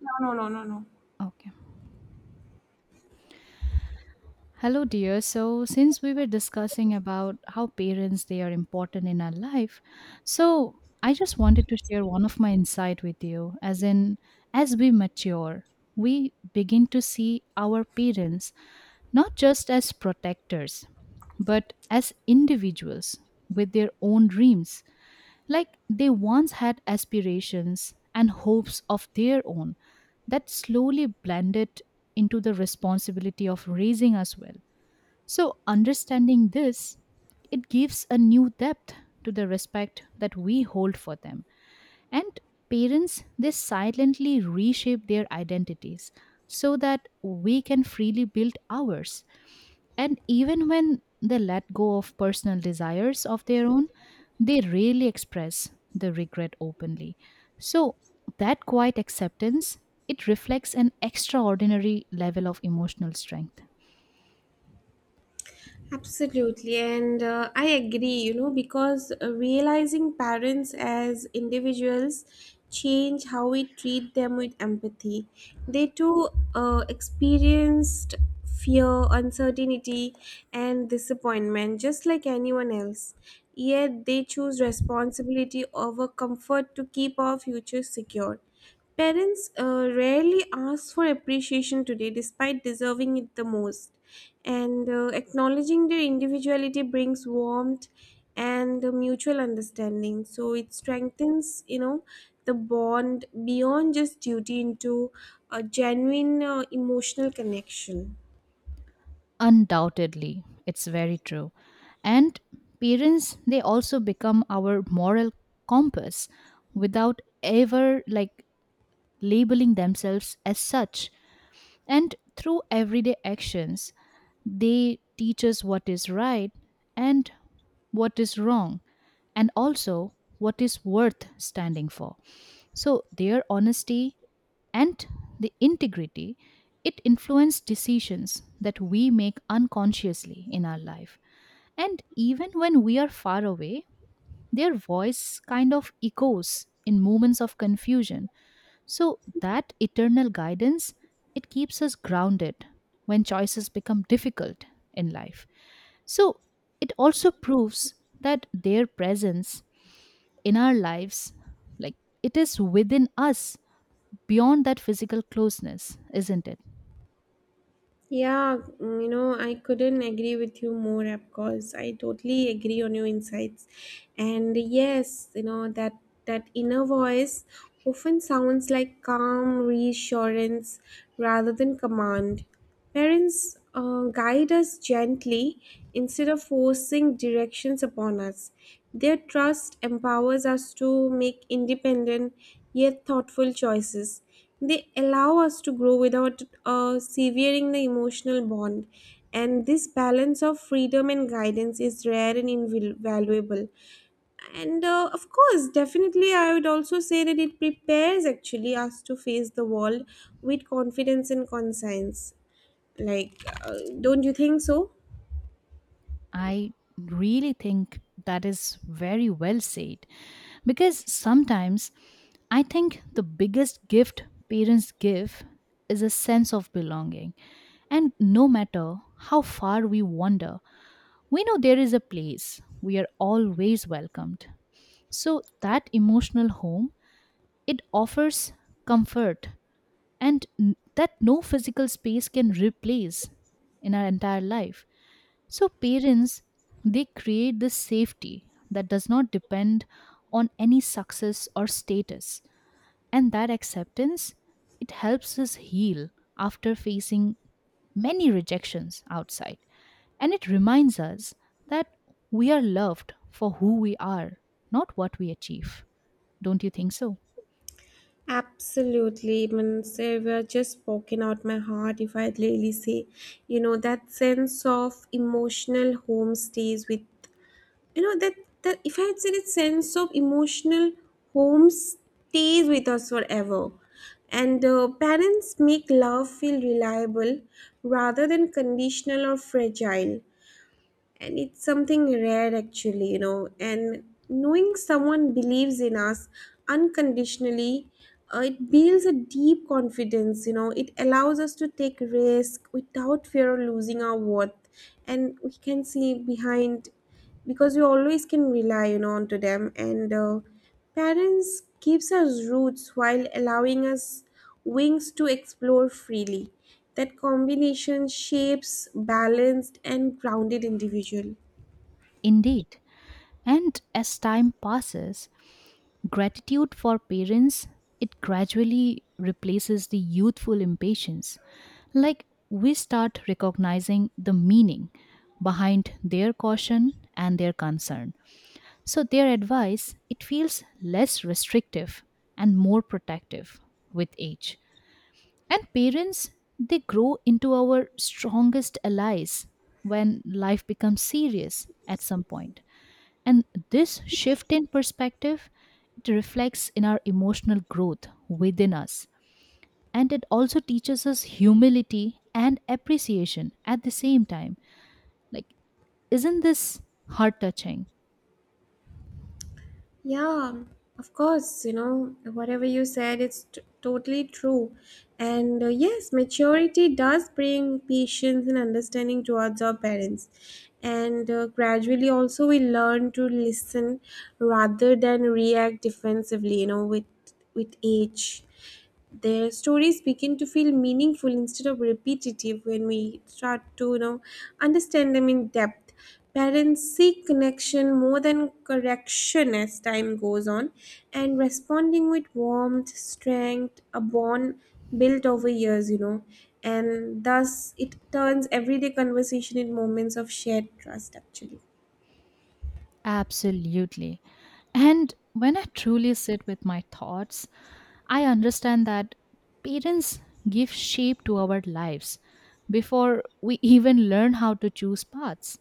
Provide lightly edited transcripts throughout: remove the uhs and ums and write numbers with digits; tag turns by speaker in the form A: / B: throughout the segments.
A: No, no, no, no, no.
B: Okay. Hello, dear. So, since we were discussing about how parents they are important in our life, so I just wanted to share one of my insight with you. As in, as we mature, we begin to see our parents not just as protectors, but as individuals with their own dreams. Like they once had aspirations and hopes of their own that slowly blended into the responsibility of raising us well. So, understanding this, it gives a new depth to the respect that we hold for them. And parents, they silently reshape their identities so that we can freely build ours. And even when they let go of personal desires of their own, they rarely express the regret openly. So, that quiet acceptance, it reflects an extraordinary level of emotional strength.
A: Absolutely, and I agree, because realizing parents as individuals change how we treat them with empathy. They too experienced fear, uncertainty, and disappointment just like anyone else. Yet they choose responsibility over comfort to keep our future secure. Parents rarely ask for appreciation today, despite deserving it the most. And acknowledging their individuality brings warmth and mutual understanding. So it strengthens, the bond beyond just duty into a genuine emotional connection.
B: Undoubtedly, it's very true. And parents, they also become our moral compass without ever like labeling themselves as such. And through everyday actions, they teach us what is right and what is wrong, and also what is worth standing for. So, their honesty and the integrity, it influences decisions that we make unconsciously in our life, and even when we are far away, their voice kind of echoes in moments of confusion. So that eternal guidance, it keeps us grounded when choices become difficult in life. So it also proves that their presence in our lives, like, it is within us beyond that physical closeness, isn't it?
A: Yeah, mm, I couldn't agree with you more, of course. I totally agree on your insights. And yes, that inner voice often sounds like calm reassurance rather than command. Parents guide us gently instead of forcing directions upon us. Their trust empowers us to make independent yet thoughtful choices. They allow us to grow without severing the emotional bond, and this balance of freedom and guidance is rare and invaluable. And of course, definitely, I would also say that it prepares actually us to face the world with confidence and conscience. Like, uh, don't you think so?
B: I really think that is very well said, because sometimes I think the biggest gift parents give is a sense of belonging. And no matter how far we wander, we know there is a place. We are always welcomed. So that emotional home, it offers comfort and that no physical space can replace in our entire life. So parents, they create this safety that does not depend on any success or status, and that acceptance, it helps us heal after facing many rejections outside, and it reminds us that we are loved for who we are, not what we achieve. Don't you think so?
A: Absolutely, man. Savior just spoken out my heart. If I really say, that sense of emotional home stays with, you know, that that if I had said that sense of emotional home stays with us forever, and parents make love feel reliable rather than conditional or fragile, and it's something rare actually, and knowing someone believes in us unconditionally, it builds a deep confidence, it allows us to take risk without fear of losing our worth, and we can see behind because we always can rely, onto them, and parents gives us roots while allowing us wings to explore freely. That combination shapes balanced and grounded individual.
B: Indeed. And as time passes, gratitude for parents, it gradually replaces the youthful impatience. Like, we start recognizing the meaning behind their caution and their concern. So their advice, it feels less restrictive and more protective with age. And parents, they grow into our strongest allies when life becomes serious at some point. And this shift in perspective, it reflects in our emotional growth within us. And it also teaches us humility and appreciation at the same time. Like, isn't this heart touching?
A: Yeah, of course, whatever you said, totally true. And yes, maturity does bring patience and understanding towards our parents. And gradually, also, we learn to listen rather than react defensively, with age. Their stories begin to feel meaningful instead of repetitive when we start to understand them in depth. Parents seek connection more than correction as time goes on, and responding with warmth, strength, a bond built over years, and thus it turns everyday conversation in moments of shared trust, actually.
B: Absolutely. And when I truly sit with my thoughts, I understand that parents give shape to our lives before we even learn how to choose paths.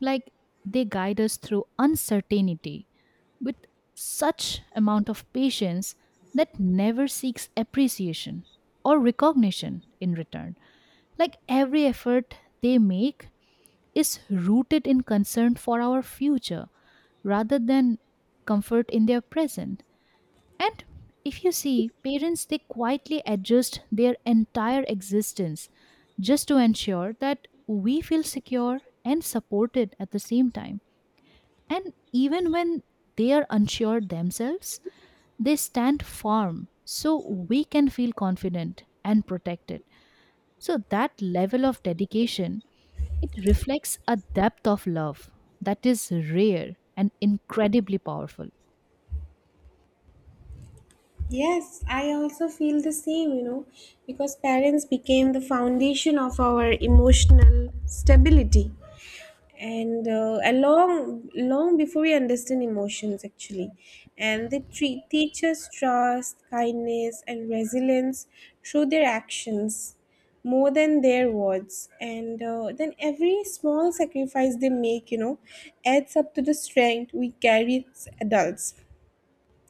B: Like, they guide us through uncertainty with such amount of patience that never seeks appreciation or recognition in return. Like, every effort they make is rooted in concern for our future rather than comfort in their present. And if you see, parents, they quietly adjust their entire existence just to ensure that we feel secure and supported at the same time. And even when they are unsure themselves, they stand firm so we can feel confident and protected. So that level of dedication, it reflects a depth of love that is rare and incredibly powerful.
A: Yes, I also feel the same, because parents became the foundation of our emotional stability, and long long before we understand emotions actually, and teach us trust, kindness, and resilience through their actions more than their words. And then every small sacrifice they make, adds up to the strength we carry as adults.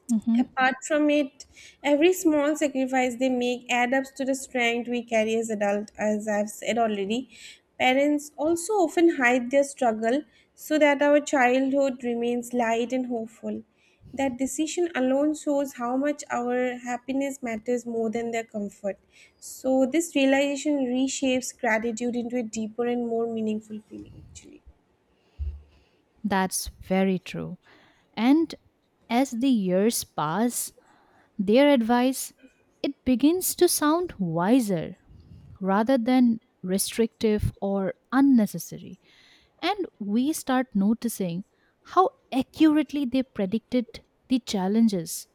B: Mhm.
A: Apart from it, every small sacrifice they make adds up to the strength we carry as adults, as I've said already. Parents also often hide their struggle so that our childhood remains light and hopeful. That decision alone shows how much our happiness matters more than their comfort. So, this realization reshapes gratitude into a deeper and more meaningful feeling, actually.
B: That's very true. And as the years pass, their advice, it begins to sound wiser rather than restrictive or unnecessary. And we start noticing how accurately they predicted the challenges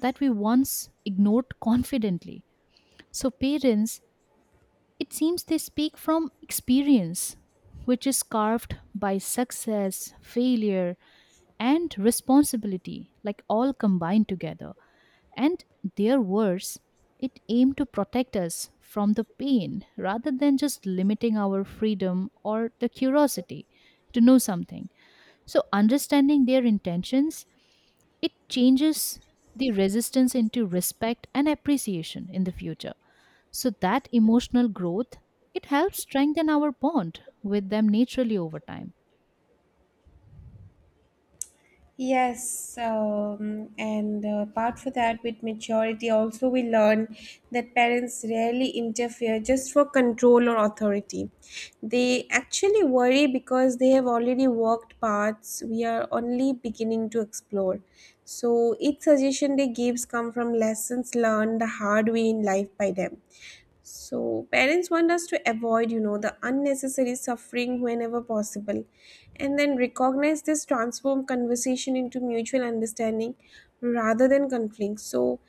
B: that we once ignored confidently. So, parents, it seems they speak from experience, which is carved by success, failure, and responsibility, like all combined together. And their words, it aimed to protect us from the pain rather than just limiting our freedom or the curiosity to know something. So, understanding their intentions, it changes the resistance into respect and appreciation in the future. So, that emotional growth, it helps strengthen our bond with them naturally over time.
A: Yes, and apart from that, with maturity, also we learn that parents rarely interfere just for control or authority. They actually worry because they have already walked paths we are only beginning to explore. So each suggestion they gives come from lessons learned the hard way in life by them. So parents want us to avoid, the unnecessary suffering whenever possible, and then recognize this transform conversation into mutual understanding rather than conflict. So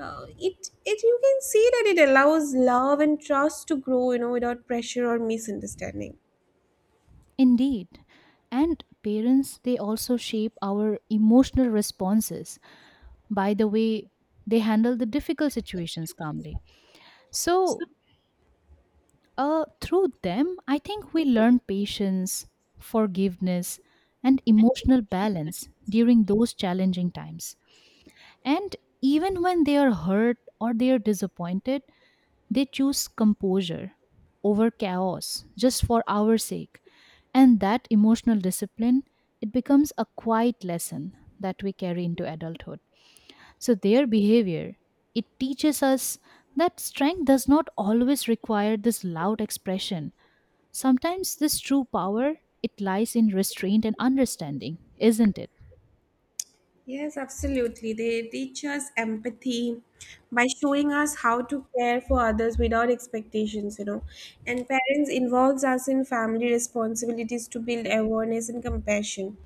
A: it it you can see that it allows love and trust to grow, without pressure or misunderstanding.
B: Indeed. And parents, they also shape our emotional responses by the way they handle the difficult situations calmly. So, through them, I think we learn patience, forgiveness, and emotional balance during those challenging times. And even when they are hurt or they are disappointed, they choose composure over chaos just for our sake. And that emotional discipline, it becomes a quiet lesson that we carry into adulthood. So their behavior, it teaches us that strength does not always require this loud expression. Sometimes this true power, it lies in restraint and understanding, isn't it?
A: Yes, absolutely. They teach us empathy by showing us how to care for others without expectations, And parents involves us in family responsibilities to build awareness and compassion.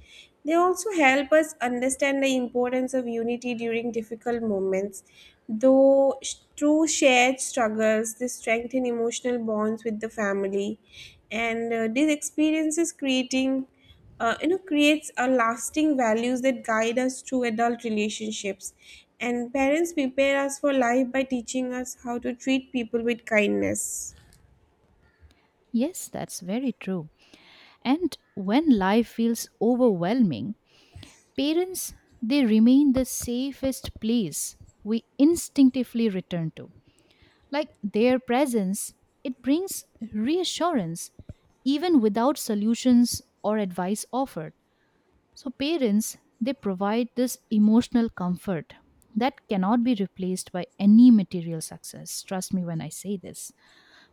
A: They also help us understand the importance of unity during difficult moments. Through shared struggles, they strengthen emotional bonds with the family. And these experiences creating you know creates a lasting values that guide us through adult relationships, and parents prepare us for life by teaching us how to treat people with kindness.
B: Yes, that's very true. And when life feels overwhelming, parents, they remain the safest place we instinctively return to. Like, their presence, it brings reassurance even without solutions or advice offered. So, parents, they provide this emotional comfort that cannot be replaced by any material success. Trust me when I say this.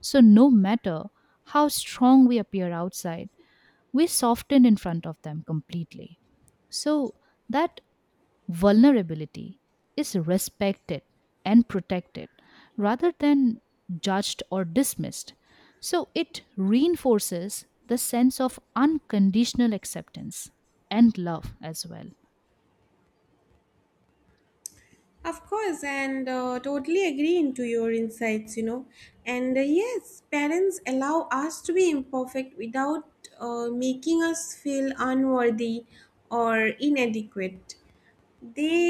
B: So, no matter how strong we appear outside, we soften in front of them completely. So, that vulnerability is respected and protected rather than judged or dismissed. So it reinforces the sense of unconditional acceptance and love as well.
A: Of course, and totally agree into your insights, And yes, parents allow us to be imperfect without making us feel unworthy or inadequate. they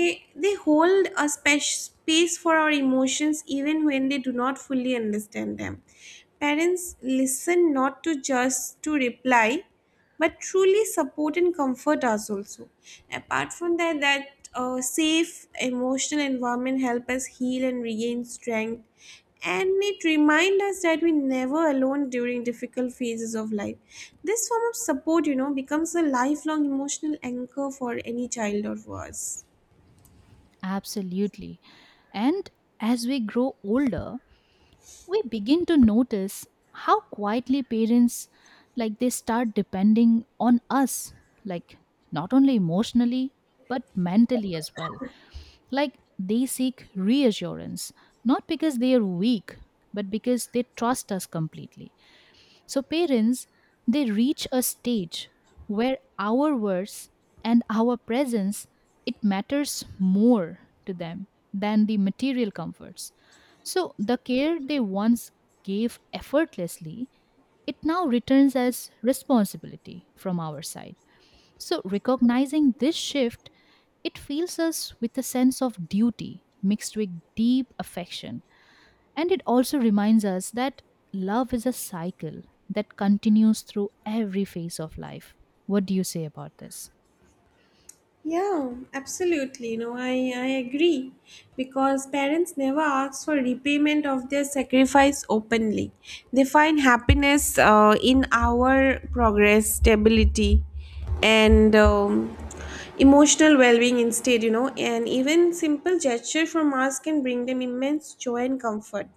A: they hold space for our emotions even when they do not fully understand them. Parents listen not to just to reply but truly support and comfort us also. Apart from that, safe emotional environment help us heal and regain strength, and it remind us that we never alone during difficult phases of life. This form of support, becomes a lifelong emotional anchor for any child or for us.
B: Absolutely. And as we grow older, we begin to notice how quietly parents, like, they start depending on us, like, not only emotionally but mentally as well. Like, they seek reassurance, not because they are weak, but because they trust us completely. So, parents, they reach a stage where our words and our presence, it matters more to them than the material comforts. So the care they once gave effortlessly, it now returns as responsibility from our side. So, recognizing this shift, it fills us with a sense of duty mixed with deep affection. And it also reminds us that love is a cycle that continues through every phase of life. What do you say about this?
A: Yeah, absolutely. No, I agree. Because parents never ask for repayment of their sacrifice openly. They find happiness in our progress, stability, and emotional well being instead, And even simple gesture from us can bring them immense joy and comfort.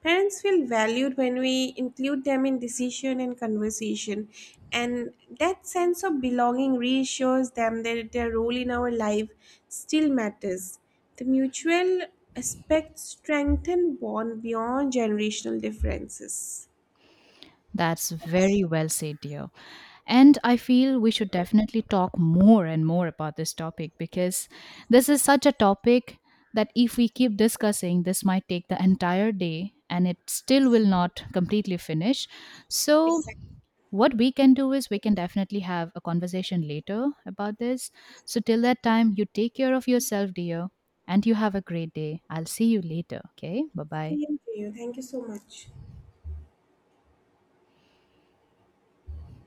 A: Parents feel valued when we include them in decision and conversation, and that sense of belonging reassures them that their role in our life still matters. The mutual aspect strengthen bond beyond generational differences.
B: That's very well said, dear. And I feel we should definitely talk more and more about this topic, because this is such a topic that if we keep discussing, this might take the entire day and it still will not completely finish. So, what we can do is we can definitely have a conversation later about this. So, till that time, you take care of yourself, dear, and you have a great day. I'll see you later. Okay, bye bye.
A: Same to you. Thank you so much.